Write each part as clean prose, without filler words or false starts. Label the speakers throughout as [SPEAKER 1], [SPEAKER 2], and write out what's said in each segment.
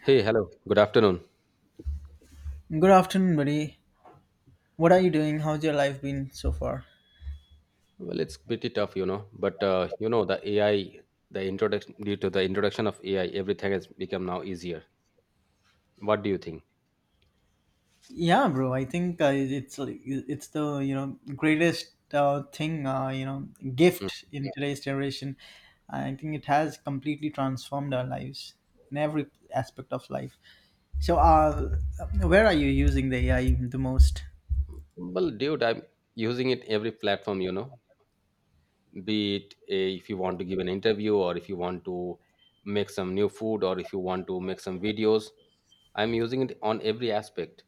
[SPEAKER 1] Hey, hello. Good afternoon.
[SPEAKER 2] Good afternoon, buddy. What are you doing? How's your life been so far?
[SPEAKER 1] Well, it's pretty tough, but the AI, the introduction of AI, everything has become now easier. What do you think?
[SPEAKER 2] Yeah, bro. I think it's the greatest thing
[SPEAKER 1] Mm.
[SPEAKER 2] gift in today's generation. I think it has completely transformed our lives in every aspect of life. So, where are you using the AI the most?
[SPEAKER 1] Well, dude, I'm using it every platform, you know, be it if you want to give an interview or if you want to make some new food or if you want to make some videos. I'm using it on every aspect.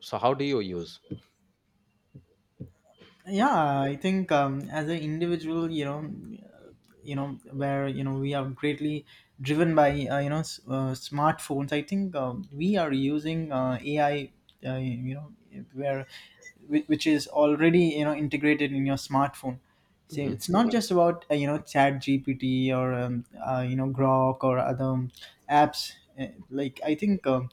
[SPEAKER 1] So, how do you use?
[SPEAKER 2] Yeah, I think as an individual, you know, where we are greatly driven by smartphones. I think we are using ai, uh, you know where which is already integrated in your smartphone, so
[SPEAKER 1] hmm
[SPEAKER 2] it's not just about chat gpt or grok or other apps. Uh, like, I think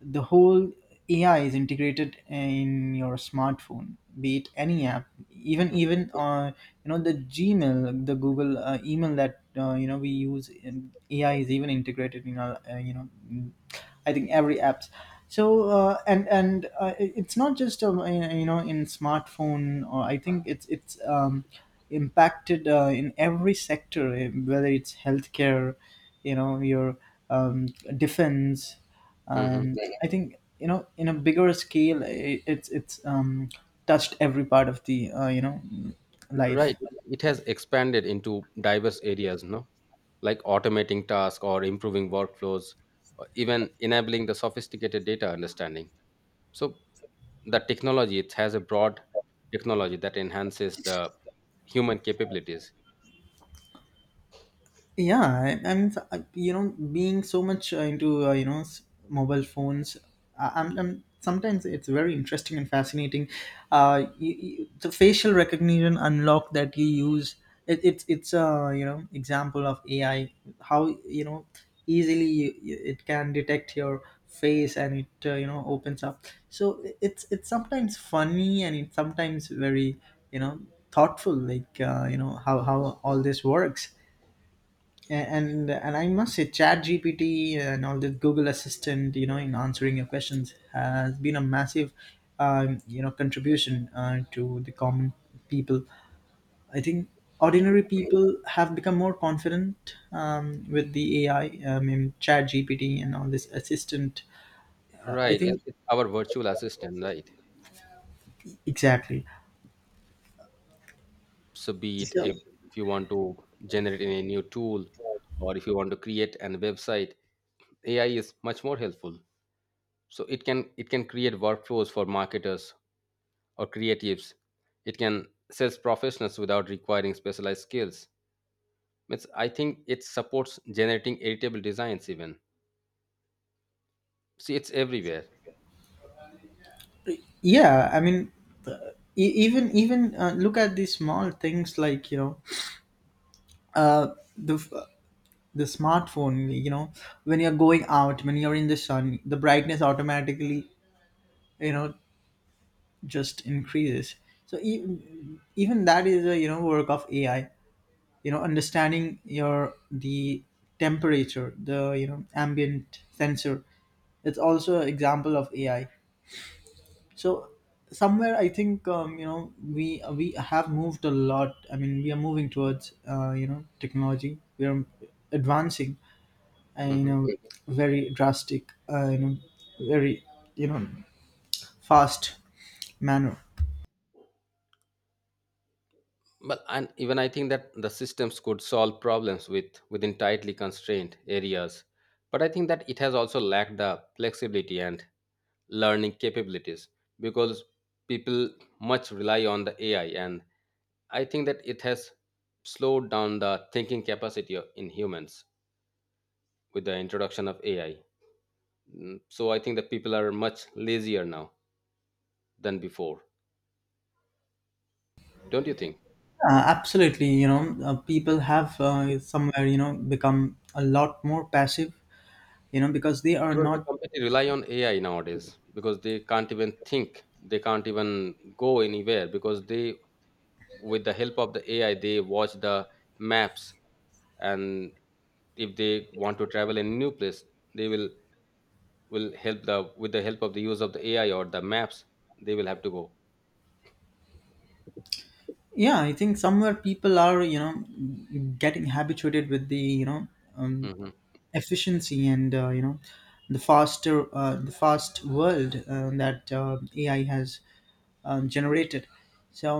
[SPEAKER 2] the whole AI is integrated in your smartphone, be it any app, even, the Gmail, the Google email that we use. AI is even integrated in our I think every apps. So and it's not just in smartphone. Or I think it's impacted in every sector, eh, whether it's healthcare, your um, defense,
[SPEAKER 1] hmm.
[SPEAKER 2] and I think in a bigger scale, I it's touched every part of the
[SPEAKER 1] Right.
[SPEAKER 2] life.
[SPEAKER 1] It has expanded into diverse areas, no? Like automating tasks or improving workflows, or even enabling the sophisticated data understanding. So the technology it has a broad technology that enhances the human capabilities.
[SPEAKER 2] Yeah, being so much into mobile phones. I'm sometimes, it's very interesting and fascinating, the facial recognition unlock that you use, it's a example of ai, how easily it can detect your face and it opens up. So it's sometimes funny and it's sometimes very, you know thoughtful, like how all this works. And I must say, Chat GPT and all the Google Assistant, in answering your questions, has been a massive, contribution to the common people. I think ordinary people have become more confident with the AI, I mean, Chat GPT and all this assistant. I
[SPEAKER 1] Right,
[SPEAKER 2] think
[SPEAKER 1] it's our virtual assistant, right?
[SPEAKER 2] exactly.
[SPEAKER 1] So be it,
[SPEAKER 2] So,
[SPEAKER 1] if you want to generate any new tool or if you want to create an website, AI is much more helpful. So it can create workflows for marketers or creatives. It can sales professionals without requiring specialized skills. I think it supports generating editable designs even. See, it's everywhere.
[SPEAKER 2] yeah, I mean, even look at these small things, like uh, the the smartphone, when you're going out, when you're in the sun, the brightness automatically, you know just increases. So even that is a work of ai, understanding your the temperature, the ambient sensor, it's also an example of ai. So somewhere I think we have moved a lot, I mean, we are moving towards technology. We are advancing uh, you
[SPEAKER 1] Mhm.
[SPEAKER 2] know very drastic, very, you know fast manner.
[SPEAKER 1] Well, and even I think that the systems could solve problems with within tightly constrained areas. But I think that it has also lacked the flexibility and learning capabilities because people much rely on the AI. And I think that it has slowed down the thinking capacity in humans with the introduction of AI. Mm. So I think that people are much lazier now than before. Don't you think?
[SPEAKER 2] Absolutely, people have somewhere become a lot more passive, because they are
[SPEAKER 1] Because they
[SPEAKER 2] not.
[SPEAKER 1] completely rely on AI nowadays, because they can't even think, they can't even go anywhere, because they, with the help of the AI, they watch the maps. And if they want to travel in new place, they will help the with the help of the use of the AI or the maps, they will have to go.
[SPEAKER 2] Yeah, I think somewhere people are getting habituated with the um,
[SPEAKER 1] Mhm,
[SPEAKER 2] efficiency and the faster, the fast world that ai has generated. So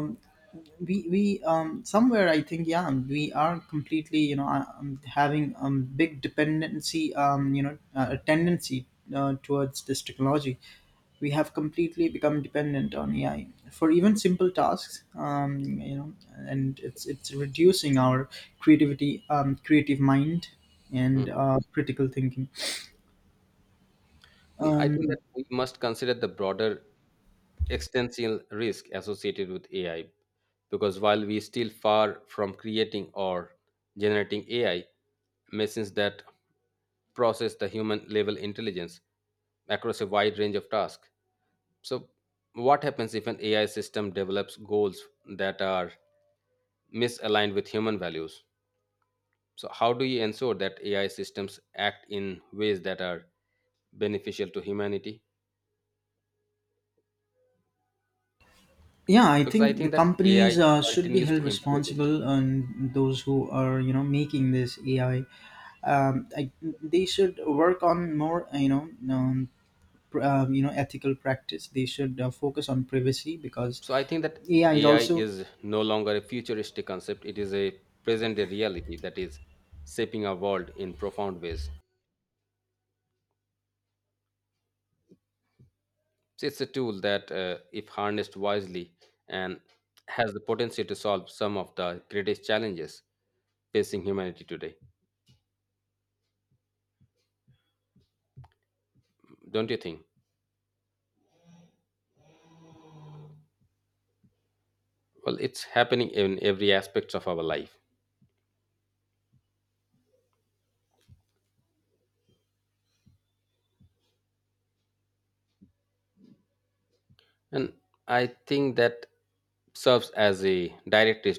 [SPEAKER 2] we somewhere I think, yeah, we are completely having big dependency, a tendency towards this technology. We have completely become dependent on ai for even simple tasks, and it's reducing our creativity, creative mind, and
[SPEAKER 1] mhm.
[SPEAKER 2] critical thinking.
[SPEAKER 1] And I think that
[SPEAKER 2] um,
[SPEAKER 1] we must consider the broader extensive risk associated with AI, because while we still far from creating or generating AI, machines that process the human level intelligence across a wide range of tasks. So, what happens if an AI system develops goals that are misaligned with human values? So, how do you ensure that AI systems act in ways that are beneficial to humanity?
[SPEAKER 2] yeah, I
[SPEAKER 1] Because I
[SPEAKER 2] think the
[SPEAKER 1] think that
[SPEAKER 2] companies
[SPEAKER 1] AI
[SPEAKER 2] should be
[SPEAKER 1] continues
[SPEAKER 2] held
[SPEAKER 1] to improve it.
[SPEAKER 2] responsible, and those who are making this AI they should work on more ethical practice. They should focus on privacy, because
[SPEAKER 1] So I think that
[SPEAKER 2] ai is
[SPEAKER 1] AI
[SPEAKER 2] also
[SPEAKER 1] is no longer a futuristic concept. It is a present day reality that is shaping our world in profound ways. So it's a tool that, if harnessed wisely, and has the potential to solve some of the greatest challenges facing humanity today. Don't you think? Well, it's happening in every aspect of our life, and I think that serves as a direct